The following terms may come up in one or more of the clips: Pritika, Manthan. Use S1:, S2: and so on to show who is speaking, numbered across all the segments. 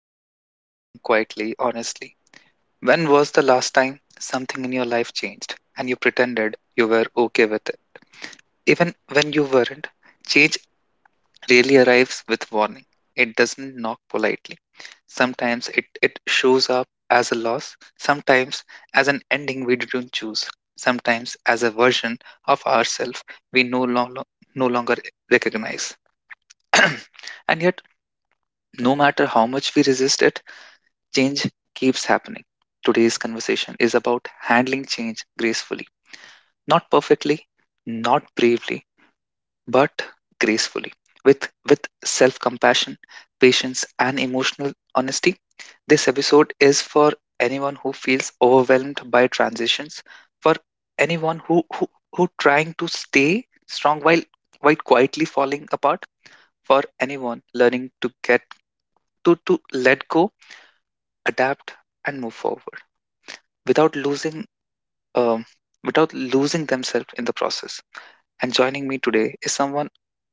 S1: to ask you something quietly, honestly. When was the last time something in your life changed and you pretended you were okay with it? Even when you weren't, change really arrives with warning. It doesn't knock politely. Sometimes it shows up as a loss, sometimes as an ending we didn't choose, sometimes as a version of ourselves we no longer recognize. And yet, no matter how much we resist it, change keeps happening. Today's conversation is about handling change gracefully, not perfectly, not bravely, but gracefully. With self-compassion, patience and emotional honesty. This episode is for anyone who feels overwhelmed by transitions, for anyone who trying to stay strong while quietly falling apart, for anyone learning to get to let go, adapt, and move forward without losing um, without losing themselves in the process. And joining me today is someone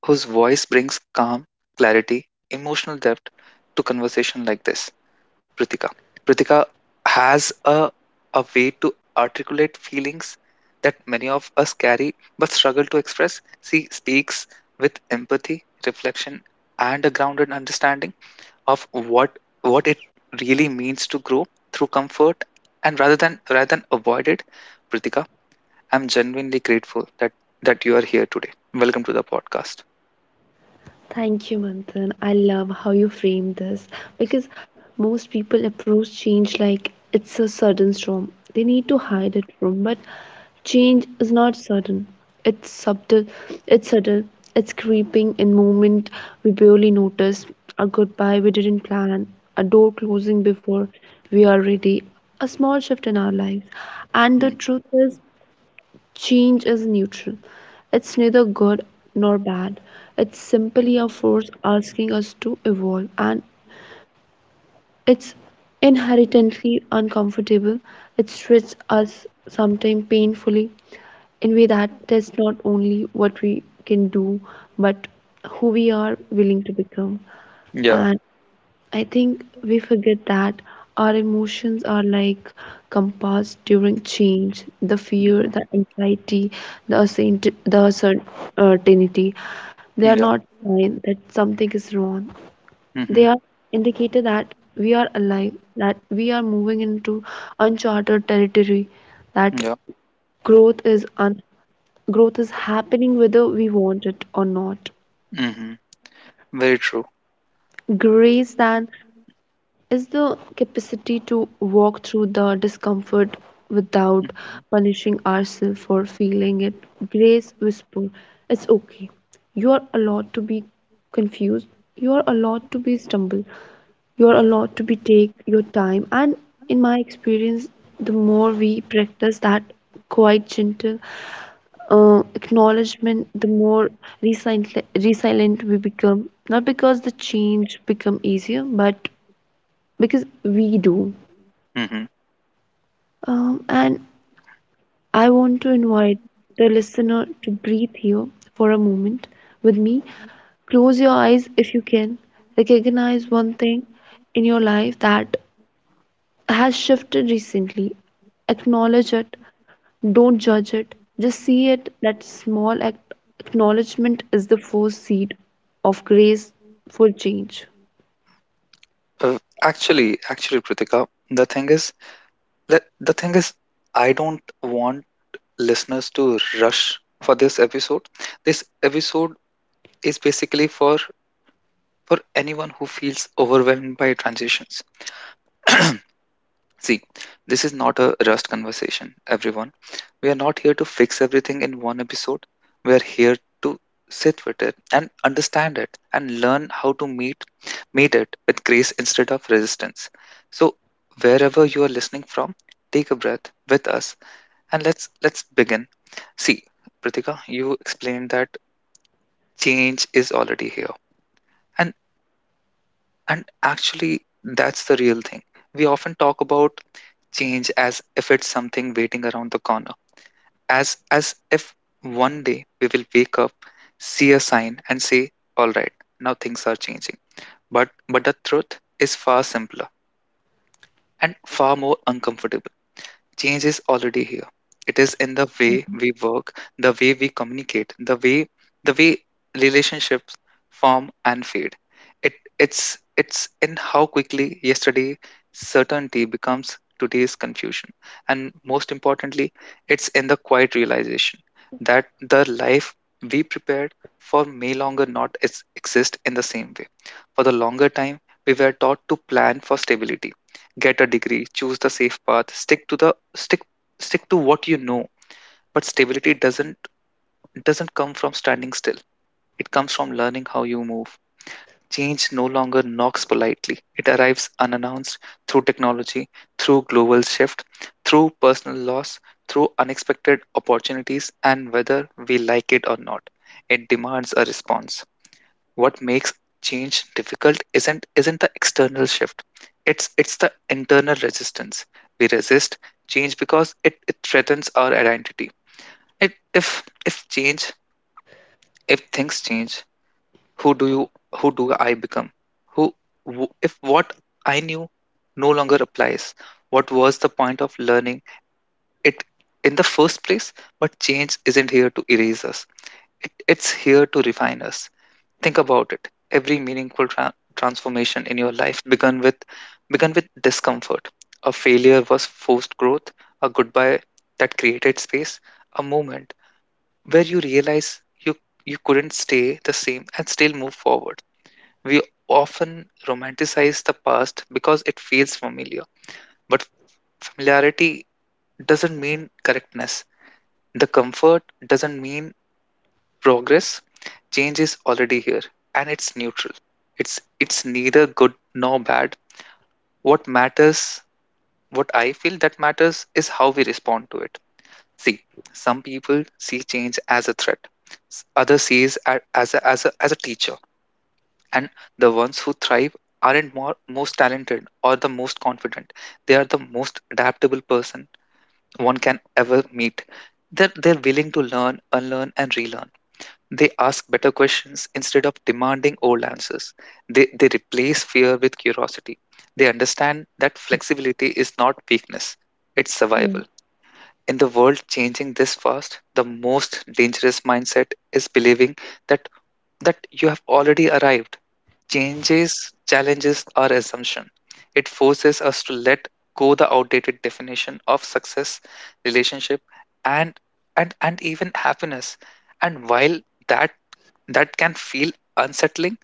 S1: whose voice brings calm, clarity, emotional depth to conversation like this. Pritika pritika has a way to articulate feelings that many of us carry but struggle to express. She speaks with empathy, reflection, and a grounded understanding of what it really means to grow through comfort and rather than avoid it. Pritika, I'm genuinely grateful that you are here today. Welcome to the podcast.
S2: Thank you, Manthan. I love how you frame this, because most people approach change like it's a sudden storm. They need to hide it from, but change is not sudden. It's subtle, it's subtle. It's creeping in moment we barely notice, a goodbye we didn't plan, a door closing before we are ready, a small shift in our lives. And the
S1: Mhm.
S2: truth is, change is neutral. It's neither good nor bad. It's simply a force asking us to evolve, and it's inherently uncomfortable. It stretches us, sometimes painfully, in a way that tests not only what we can do, but who we are willing to become.
S1: Yeah.
S2: And I think we forget that our emotions are like compass during change. The fear,
S1: Mhm.
S2: the anxiety, the uncertainty, they are
S1: Yeah.
S2: not sign that something is wrong.
S1: Hmm.
S2: They are indicator that we are alive, that we are moving into uncharted territory, that
S1: Yeah.
S2: growth is un- growth is happening whether we want it or not.
S1: Hmm. Very true.
S2: Grace then is the capacity to walk through the discomfort without
S1: Hmm.
S2: punishing ourselves for feeling it. Grace whisper, it's okay. You are allowed to be confused. You are allowed to be stumble. You are allowed to be take your time. And in my experience, the more we practice that quite gentle acknowledgement, the more resilient we become. Not because the change become easier, but because we do. And I want to invite the listener to breathe here for a moment with me. Close your eyes if you can. Recognize one thing in your life that has shifted recently. Acknowledge it. Don't judge it. Just see it. That small act, acknowledgement is the first seed of grace for change.
S1: Uh, actually, Pritika, the thing is the thing is, I don't want listeners to rush for this episode. This episode is basically for anyone who feels overwhelmed by transitions. See, this is not a rust conversation, everyone. We are not here to fix everything in one episode. We are here to sit with it and understand it and learn how to meet it with grace instead of resistance. So wherever you are listening from, take a breath with us and let's begin. See, Pritika, you explained that change is already here. And And actually, that's the real thing. We often talk about change as if it's something waiting around the corner, as if one day we will wake up, see a sign, and say, "All right, now things are changing." But the truth is far simpler and far more uncomfortable. Change is already here. It is in the way we work, the way we communicate, the way relationships form and fade. It's in how quickly yesterday certainty becomes today's confusion. And most importantly, it's in the quiet realization that the life we prepared for may longer not exist in the same way. For the longer time, we were taught to plan for stability, get a degree, choose the safe path, stick stick to what you know. But stability doesn't come from standing still, it comes from learning how you move. Change no longer knocks politely, it arrives unannounced through technology, through global shift, through personal loss, through unexpected opportunities. And whether we like it or not, it demands a response. What makes change difficult isn't the external shift, it's the internal resistance. We resist change because it threatens our identity. It, if change, if things change, who do you, who do I become? who if what I knew no longer applies, what was the point of learning it in the first place? But change isn't here to erase us, it's here to refine us. Think about it. Every meaningful transformation in your life began with discomfort. A failure was forced growth, a goodbye that created space, a moment where you realize you you couldn't stay the same and still move forward. We often romanticize the past because it feels familiar, but familiarity doesn't mean correctness. The comfort doesn't mean progress. Change is already here, and it's neutral. It's neither good nor bad. What matters what i feel that matters is how we respond to it. See, some people see change as a threat, others sees a- as a, as a as a teacher. And the ones who thrive aren't most talented or the most confident, they are the most adaptable person one can ever meet. They're willing to learn, unlearn, and relearn. They ask better questions instead of demanding old answers. They replace fear with curiosity. They understand that flexibility is not weakness, it's survival. In the world changing this fast, the most dangerous mindset is believing that, that you have already arrived. Changes challenges our assumption. It forces us to let go the outdated definition of success, relationship, and and even happiness. And while that that can feel unsettling,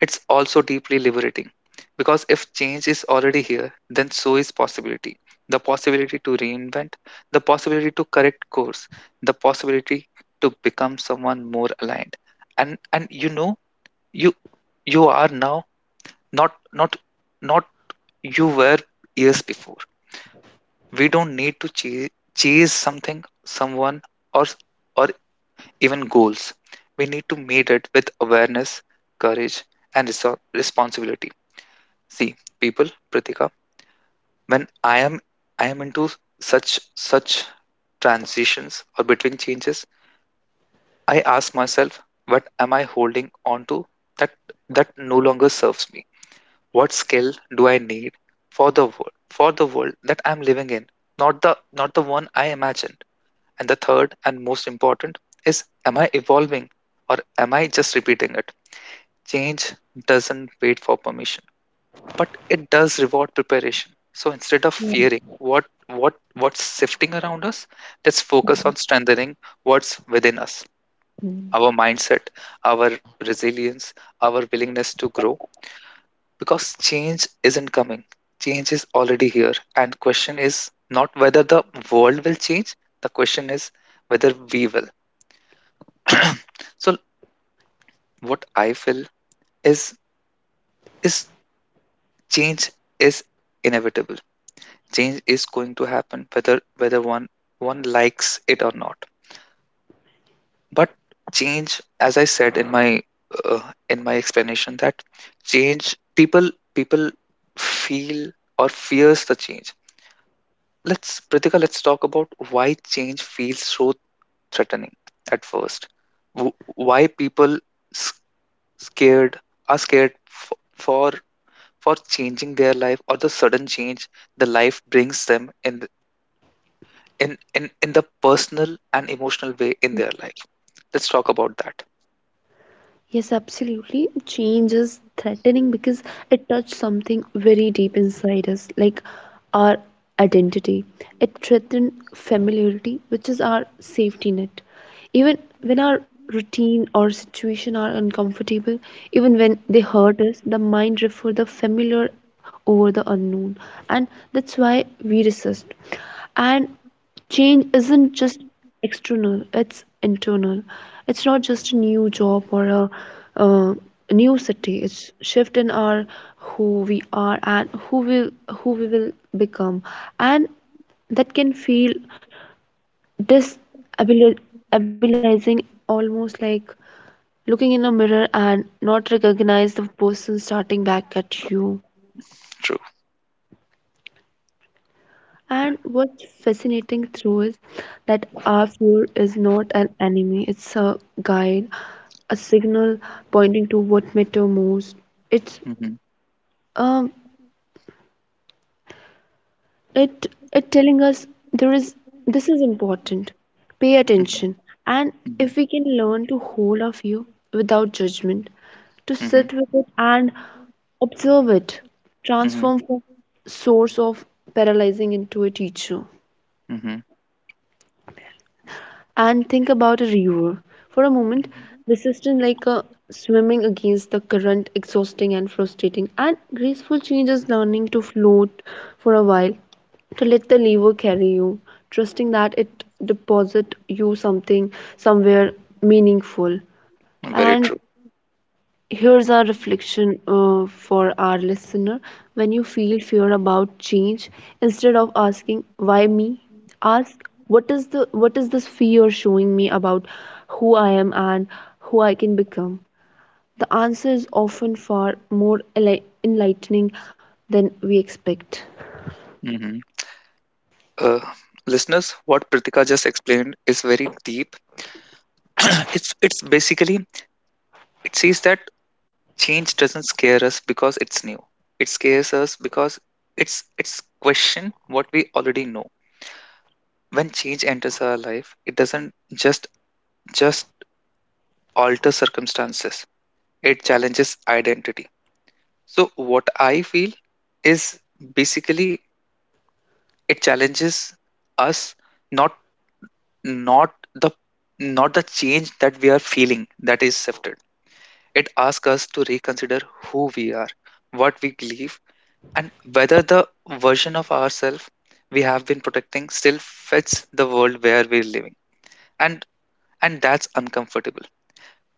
S1: it's also deeply liberating. Because if change is already here, then so is possibility. The possibility to reinvent, the possibility to correct course, the possibility to become someone more aligned. And you you are now not not not you were years before. We don't need to chase something, someone, or or even goals. We need to meet it with awareness, courage, and responsibility. See, people, Pritika, when I am into such transitions or between changes, I ask myself, what am I holding on to that that no longer serves me? What skill do I need for the world that I'm living in? Not the one I imagined. And the third and most important is, am I evolving or am I just repeating it? Change doesn't wait for permission, but it does reward preparation. So instead of fearing what's shifting around us, let's focus on strengthening what's within us, our mindset, our resilience, our willingness to grow. Because change isn't coming. Change is already here. And question is not whether the world will change, the question is whether we will. So what I feel is is change is inevitable. Change is going to happen whether one likes it or not. But change, as I said in my uh, explanation, that change, people people feel or fears the change. Let's Pritika, let's talk about why change feels so threatening at first. Why people s- scared are scared for for changing their life or the sudden change the life brings them in in the personal and emotional way in their life. Let's talk about that.
S2: Yes, absolutely. Change is threatening because it touches something very deep inside us, like our identity. It threatens familiarity, which is our safety net. Even when our routine or situation are uncomfortable, even when they hurt us, the mind refers the familiar over the unknown, and that's why we resist. And change isn't just external, it's internal. It's not just a new job or uh, a new city, it's shift in our who we are and who we will become. And that can feel destabilizing, almost like looking in a mirror and not recognize the person starting back at you.
S1: True.
S2: And what's fascinating through is that our fear is not an enemy, it's a guide, a signal pointing to what matter most. It's
S1: Mm-hmm.
S2: um it telling us there is this is important. Pay
S1: Hmm.
S2: attention. And
S1: Hmm.
S2: if we can learn to hold our fear without judgment, to sit with it and observe it,
S1: Hmm.
S2: transform from source of paralyzing into a teacher.
S1: Hmm.
S2: And think about a river. For a moment,
S1: Hmm.
S2: this system like swimming against the current, exhausting and frustrating, and graceful changes, learning to float for a while, to let the river carry you, trusting that it deposit you something somewhere meaningful.
S1: Very
S2: And
S1: true.
S2: here's our reflection for our listener. When you feel fear about change, instead of asking why me, ask what is this fear showing me about who I am and who I can become. The answer is often far more enlightening than we expect.
S1: Hmm. uh, Listeners, what Pritika just explained is very deep. It's basically, it says that change doesn't scare us because it's new, it scares us because it's it's question what we already know. When change enters our life, it doesn't just just alter circumstances, it challenges identity. So, what I feel is basically it challenges us, not not the not the change that we are feeling that is shifted. It asks us to reconsider who we are, what we believe, and whether the version of ourselves we have been protecting still fits the world where we're living. And and that's uncomfortable.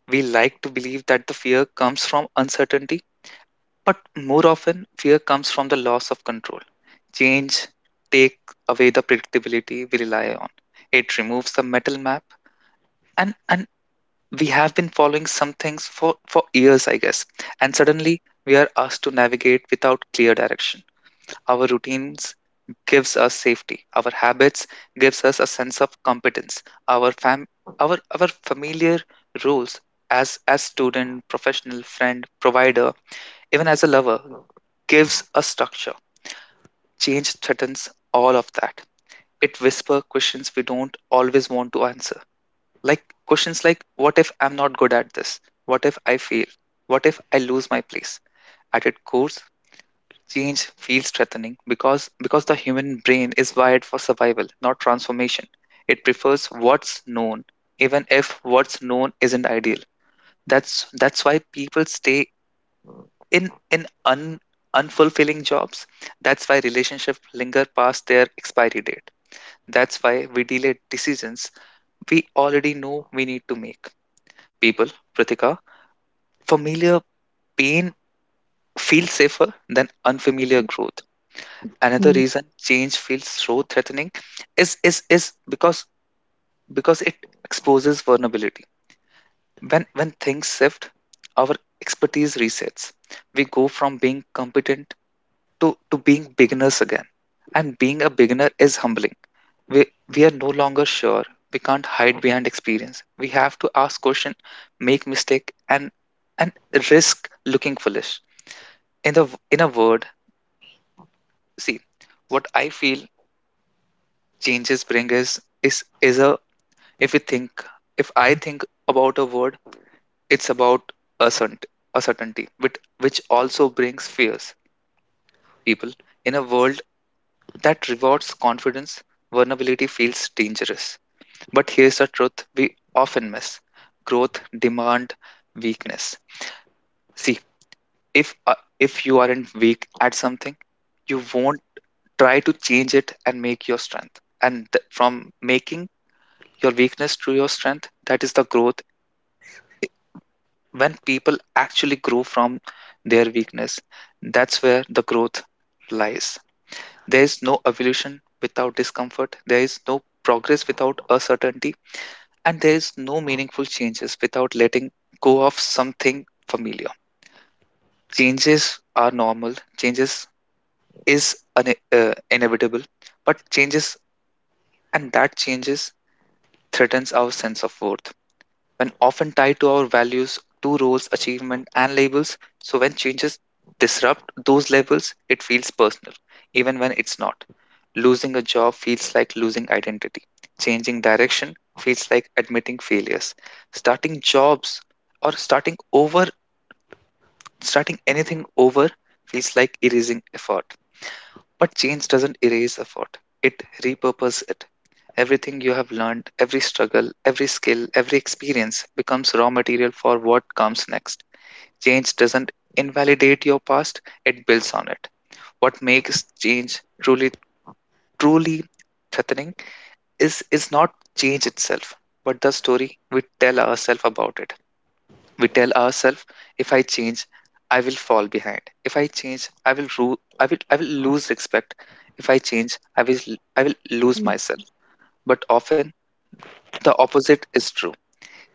S1: We like to believe that the fear comes from uncertainty. But more often, fear comes from the loss of control. Change take away the predictability we rely on. It removes the metal map, and we have been following some things for years, I guess. And suddenly, we are asked to navigate without clear direction. Our routines gives us safety. Our habits gives us a sense of competence. Our fam our familiar roles as student, professional, friend, provider, even as a lover, gives a structure. Change threatens all of that. It whispers questions we don't always want to answer. Like questions like, what if I'm not good at this? What if I fail? What if I lose my place? At its core, change feels threatening because the human brain is wired for survival, not transformation. It prefers what's known, even if what's known isn't ideal. That's why people stay in unfulfilling jobs, that's why relationships linger past their expiry date, that's why we delay decisions we already know we need to make. People, Pratika, familiar pain feels safer than unfamiliar growth. Another
S2: Mm.
S1: reason change feels so threatening is because it exposes vulnerability. When things shift, our expertise resets. We go from being competent to being beginners again, and being a beginner is humbling. We we are no longer sure, we can't hide behind experience, we have to ask question, make mistake, and risk looking foolish in the in a word. See, what I feel changes bring is is a, if you think if I think about a word, it's about a certain a certainty, which also brings fears. People, in a world that rewards confidence, vulnerability feels dangerous. But here's the truth we often miss: growth demand weakness. See, if, uh, if you aren't weak at something, you won't try to change it and make your strength. From making your weakness to your strength, that is the growth. When people actually grow from their weakness, that's where the growth lies. There is no evolution without discomfort, there is no progress without uncertainty and there is no meaningful changes without letting go of something familiar. Changes are normal, changes is inevitable, but changes and that changes threatens our sense of worth. When often tied to our values, to roles, achievement, and labels. So when changes disrupt those labels, it feels personal, even when it's not. Losing a job feels like losing identity. Changing direction feels like admitting failures. Starting jobs or starting over, Starting anything over feels like erasing effort. But change doesn't erase effort, it repurposes it. Everything you have learned, every struggle, every skill, every experience becomes raw material for what comes next. Change doesn't invalidate your past, it builds on it. What makes change truly threatening is not change itself, but the story we tell ourselves about it. We tell ourselves, if I change, I will fall behind. If I change, I will lose respect. If I change, I will lose myself. But often, the opposite is true.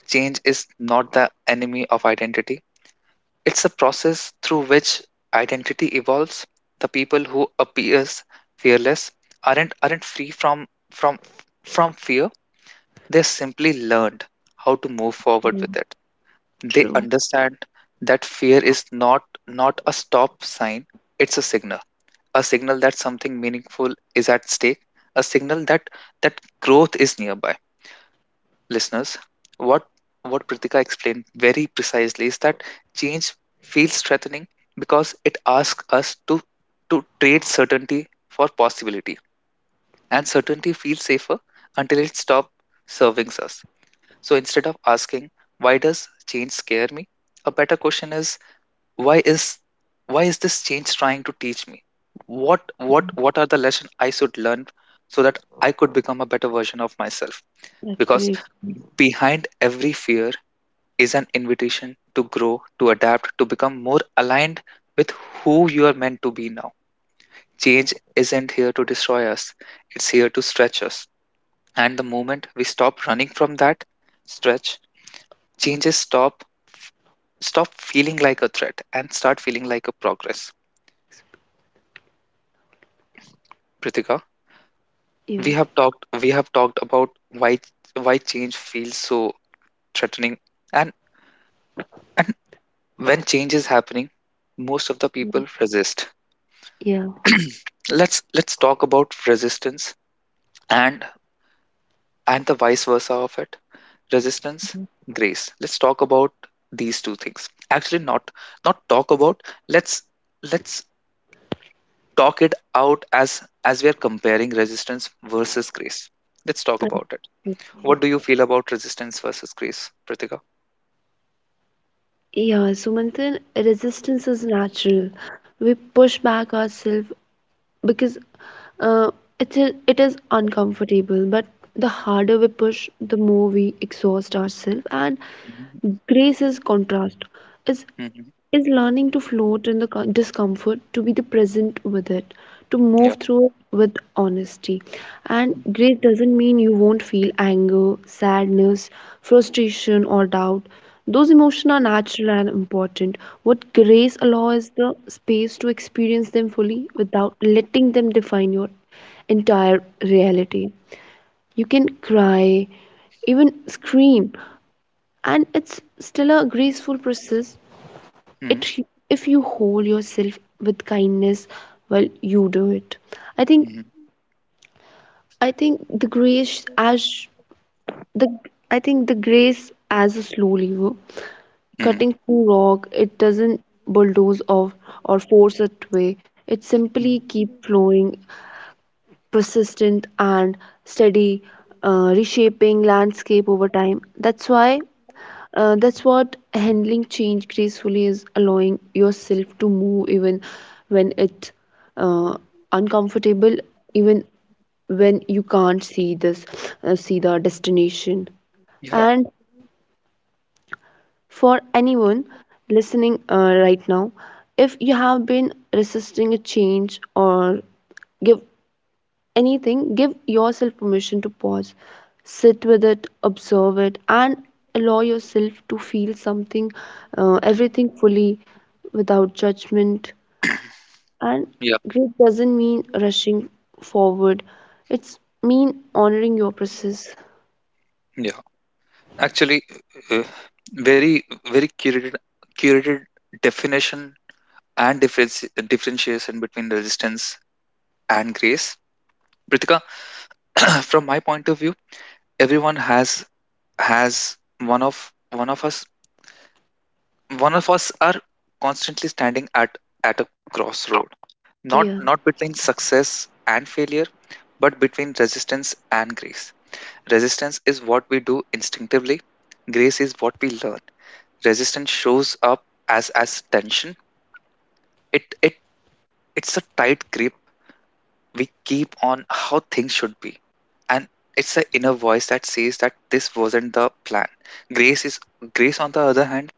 S1: Change is not the enemy of identity. It's a process through which identity evolves. The people who appears fearless aren't free from fear. They simply learned how to move forward with
S2: True.
S1: it. They
S2: True.
S1: understand that fear is not a stop sign. It's a signal. A signal that something meaningful is at stake. A signal that that growth is nearby. Listeners, what what Pritika explained very precisely is that change feels threatening because it asks us to trade certainty for possibility, and certainty feels safer until it stops serving us. So instead of asking why does change scare me, a better question is why is why is this change trying to teach me? What are the lessons I should learn so that I could become a better version of myself? Because
S2: Absolutely.
S1: behind every fear is an invitation to grow, to adapt, to become more aligned with who you are meant to be now. Change isn't here to destroy us, it's here to stretch us. And the moment we stop running from that stretch, changes stop feeling like a threat and start feeling like a progress. Pritika,
S2: Yeah.
S1: we have talked about why why change feels so threatening and when change is happening most of the people resist.
S2: Yeah.
S1: Let's talk about resistance and and the vice versa of it. Resistance, grace, let's talk about these two things. Actually not not talk about let's let's talk it out as we are comparing resistance versus grace. Let's talk
S2: Uh,
S1: about it. What do you feel about resistance versus grace, pritika?
S2: Yeah, so resistance is natural. We push back ourselves because uh, it's it is uncomfortable, but the harder we push, the more we exhaust ourselves. And
S1: hmm
S2: grace is contrast, is is learning to float in the discomfort, to be the present with it, to
S1: yeah
S2: move through it with honesty. And grace doesn't mean you won't feel anger, sadness, frustration, or doubt. Those emotions are natural and important. What grace allows is the space to experience them fully without letting them define your entire reality. You can cry, even scream, and it's still a graceful process, it if you hold yourself with kindness, well you do it. i think
S1: hmm
S2: i think the the grace as a slow lever
S1: hmm
S2: cutting through rock. It doesn't bulldoze off or force its way, it simply
S1: Mhm.
S2: keep flowing, persistent and steady, reshaping landscape over time. That's what handling change gracefully is, allowing yourself to move even when it's uh, uncomfortable, even when you can't see see the destination.
S1: Yeah,
S2: And for anyone listening right now, if you have been resisting a change or give give yourself permission to pause, sit with it, observe it, and allow yourself to feel everything fully without judgment. And
S1: yeah,
S2: grief doesn't mean rushing forward, it's mean honoring your process.
S1: yeah. Actually, uh, very, very curated, curated definition and difference, differentiation between resistance and grace. Pritika, from my point of view, everyone has one of us are constantly standing at a
S2: Yeah,
S1: crossroad, not between success and failure, but between resistance and grace. Resistance is what we do instinctively. Grace is what we learn. Resistance shows up as tension. it it it's a tight grip we keep on how things should be, and it's the inner voice that says that this wasn't the plan. grace is Grace, on the other hand,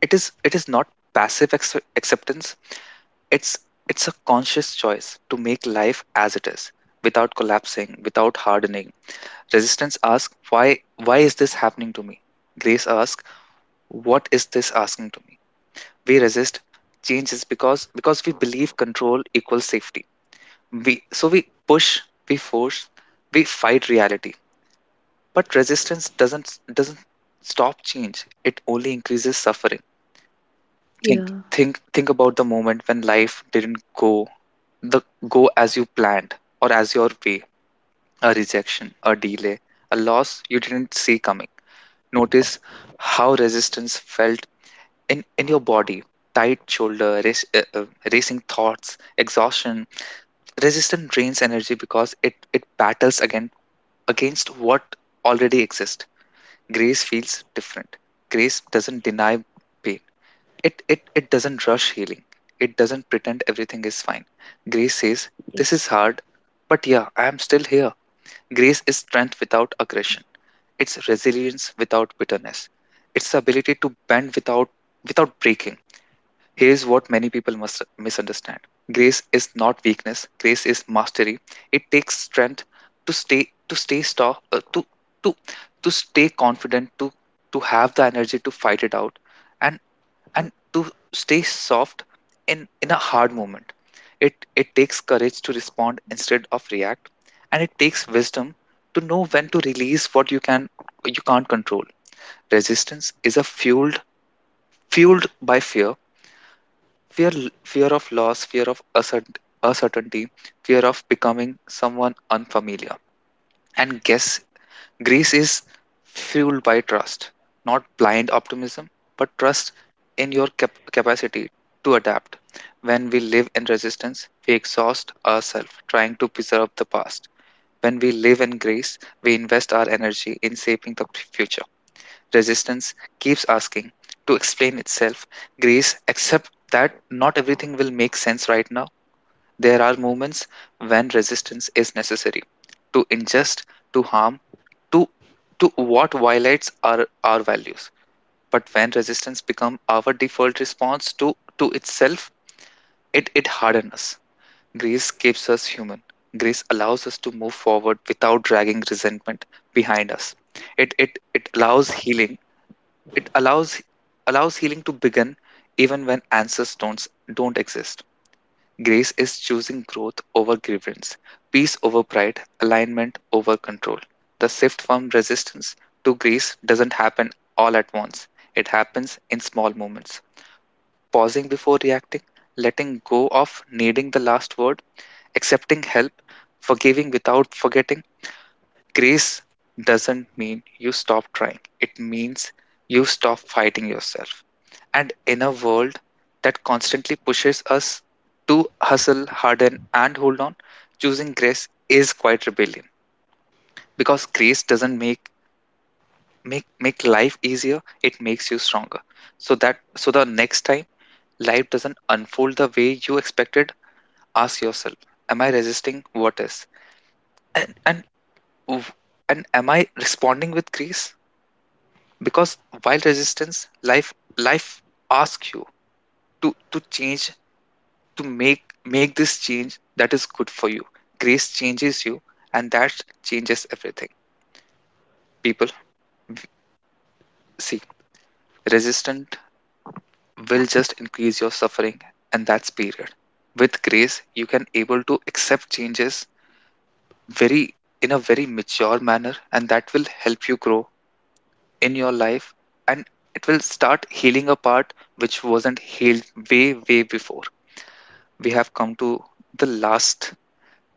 S1: it is not passive acceptance. it's it's a conscious choice to make life as it is, without collapsing, without hardening. Resistance asks why, is this happening to me? Grace asks what is this asking to me? We resist change is because we believe control equals safety. We so we push, we force, we fight reality. But resistance doesn't stop change, it only increases suffering.
S2: yeah.
S1: Think think think about the moment when life didn't go the go as you planned or as your way. A rejection, a delay, a loss you didn't see coming. Notice how resistance felt in your body: tight shoulder, racing thoughts, exhaustion. Resistance drains energy because it battles again against what already exists. Grace feels different. Grace doesn't deny pain, it doesn't rush healing, it doesn't pretend everything is fine. Grace says this is hard, but yeah, I am still here. Grace is strength without aggression, it's resilience without bitterness, it's the ability to bend without breaking. Here's what many people must misunderstand: grace is not weakness, grace is mastery. It takes strength to stay, to stay, stop, uh, to, to, to stay confident, to have the energy to fight it out, and, and to stay soft in a hard moment. It takes courage to respond instead of react, and it takes wisdom to know when to release what you can't control. Resistance is a fueled by fear, fear of loss, fear of uncertainty, fear of becoming someone unfamiliar. And guess, greece is fueled by trust, not blind optimism, but trust in your capacity to adapt. When we live in resistance, we exhaust ourselves trying to preserve the past. When we live in grace, we invest our energy in shaping the future. Resistance keeps asking to explain itself. Grace accept that not everything will make sense right now. There are moments when resistance is necessary, to ingest, to harm, to to what violates our values. But when resistance become our default response to itself, it hardens us. Grace keeps us human. Grace allows us to move forward without dragging resentment behind us. It it it allows healing it allows healing to begin even when answers don't exist. Grace is choosing growth over grievance, peace over pride, alignment over control. The shift from resistance to grace doesn't happen all at once. It happens in small moments. Pausing before reacting, letting go of needing the last word, accepting help, forgiving without forgetting. Grace doesn't mean you stop trying. It means you stop fighting yourself. And in a world that constantly pushes us to hustle, harden, and hold on, choosing grace is quite rebellion, because grace doesn't make life easier; it makes you stronger. So the next time life doesn't unfold the way you expected, ask yourself: Am I resisting what is? And w- and am I responding with grace? Because while resistance, life asks you to change, to make this change that is good for you, grace changes you, and that changes everything. People, w- see, resistant will just increase your suffering, and that's period. With grace you can able to accept changes very in a very mature manner, and that will help you grow in your life, and it will start healing a part which wasn't healed way way before. We have come to the last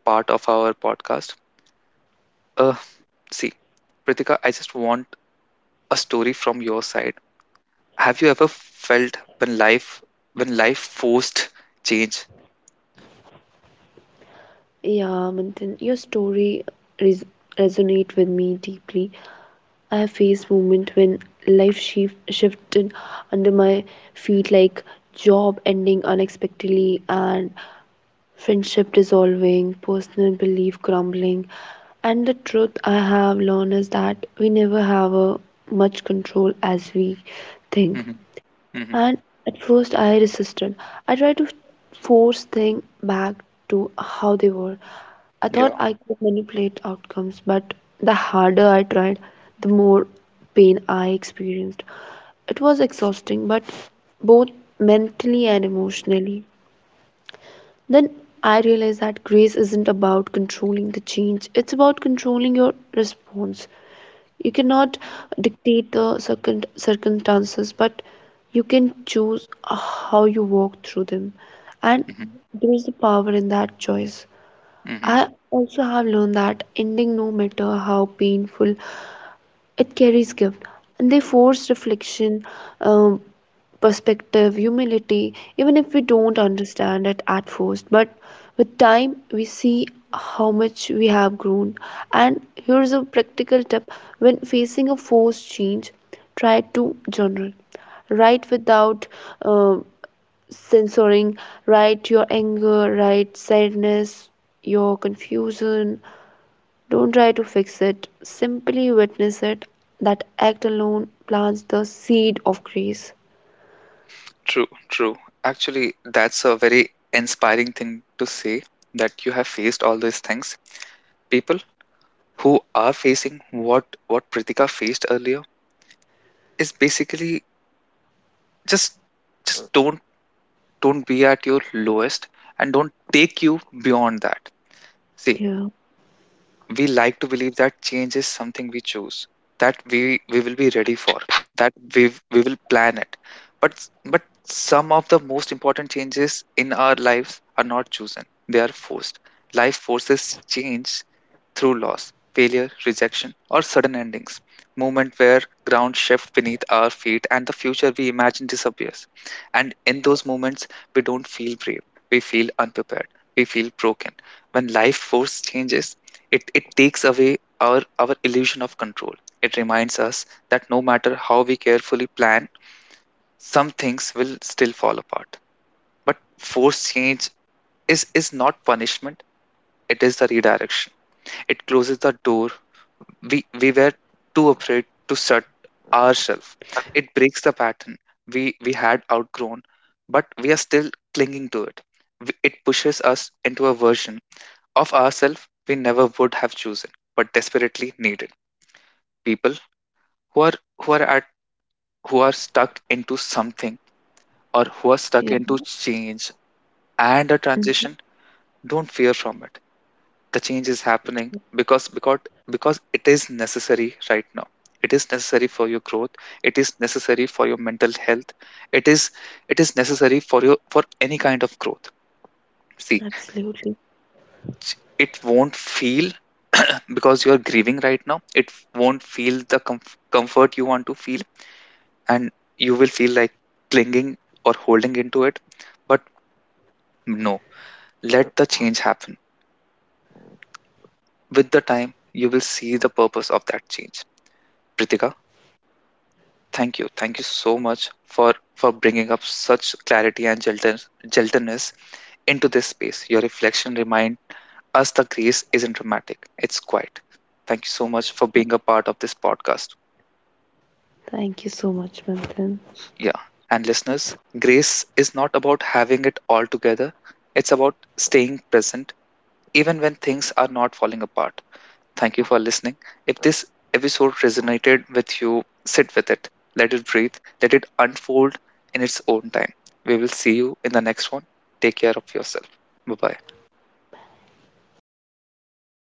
S1: part of our podcast. Uh, See, Pritika, I just want a story from your side. Have you ever felt when life forced change?
S2: Yeah, Manthan, your story res- resonate with me deeply. I have faced moment when life shifted under my feet, like job ending unexpectedly and friendship dissolving, personal belief crumbling. And the truth I have learned is that we never have a much control as we think.
S1: hmm hmm
S2: And at first I resisted. I tried to force things back to how they were. I thought
S1: Yeah.
S2: I could manipulate outcomes, but the harder I tried, the more pain I experienced. It was exhausting, but both mentally and emotionally. Then I realized that grace isn't about controlling the change, it's about controlling your response. You cannot dictate the circumstances, but you can choose how you walk through them. And
S1: hmm
S2: there is the power in that choice.
S1: hmm
S2: I also have learned that ending, no matter how painful, it carries gift. And they force reflection, um, perspective, humility, even if we don't understand it at first. But with time, we see how much we have grown. And here's a practical tip, when facing a forced change, try to journal. Write without uh, censoring, write your anger, write sadness, your confusion. Don't try to fix it, simply witness it. That act alone plants the seed of grace.
S1: True, true. Actually, that's a very inspiring thing to say that you have faced all these things. People who are facing what Pritika faced earlier is basically just just don't be at your lowest and don't take you beyond that. See,
S2: Yeah.
S1: we like to believe that change is something we choose, that we will be ready for, that we will plan it, but but some of the most important changes in our lives are not chosen, they are forced. Life forces change through loss, failure, rejection, or sudden endings. Moment where ground shifts beneath our feet and the future we imagine disappears. And in those moments, we don't feel brave. We feel unprepared. We feel broken. When life force changes, it takes away our illusion of control. It reminds us that no matter how we carefully plan, some things will still fall apart. But forced change is not punishment, it is the redirection. It closes the door we were too afraid to shut ourselves. It breaks the pattern we had outgrown, but we are still clinging to it. It pushes us into a version of ourselves we never would have chosen but desperately needed. People who are who are at who are stuck into something, or who are stuck into change and a transition, don't fear from it. The change is happening because because because it is necessary right now. It is necessary for your growth, it is necessary for your mental health, it is it is necessary for your for
S2: Absolutely.
S1: any kind of growth. See, ch- it won't feel because you are grieving right now, it won't feel the comfort you want to feel, and you will feel like clinging or holding into it, but no, let the change happen. With the time, you will see the purpose of that change. Pritika, thank you. Thank you so much for bringing up such clarity and gentleness into this space. Your reflection remind us the grace isn't dramatic. It's quiet. Thank you so much for being a
S2: Thank you
S1: part of
S2: so
S1: this
S2: much,
S1: podcast.
S2: Manthan.
S1: Yeah. And listeners, grace is not about having it all together. It's about staying present even when things are not falling apart. Thank you for listening. If this episode resonated with you, sit with it, let it breathe, let it unfold in its own time. We will see you in the next one. Take care of yourself. Bye bye.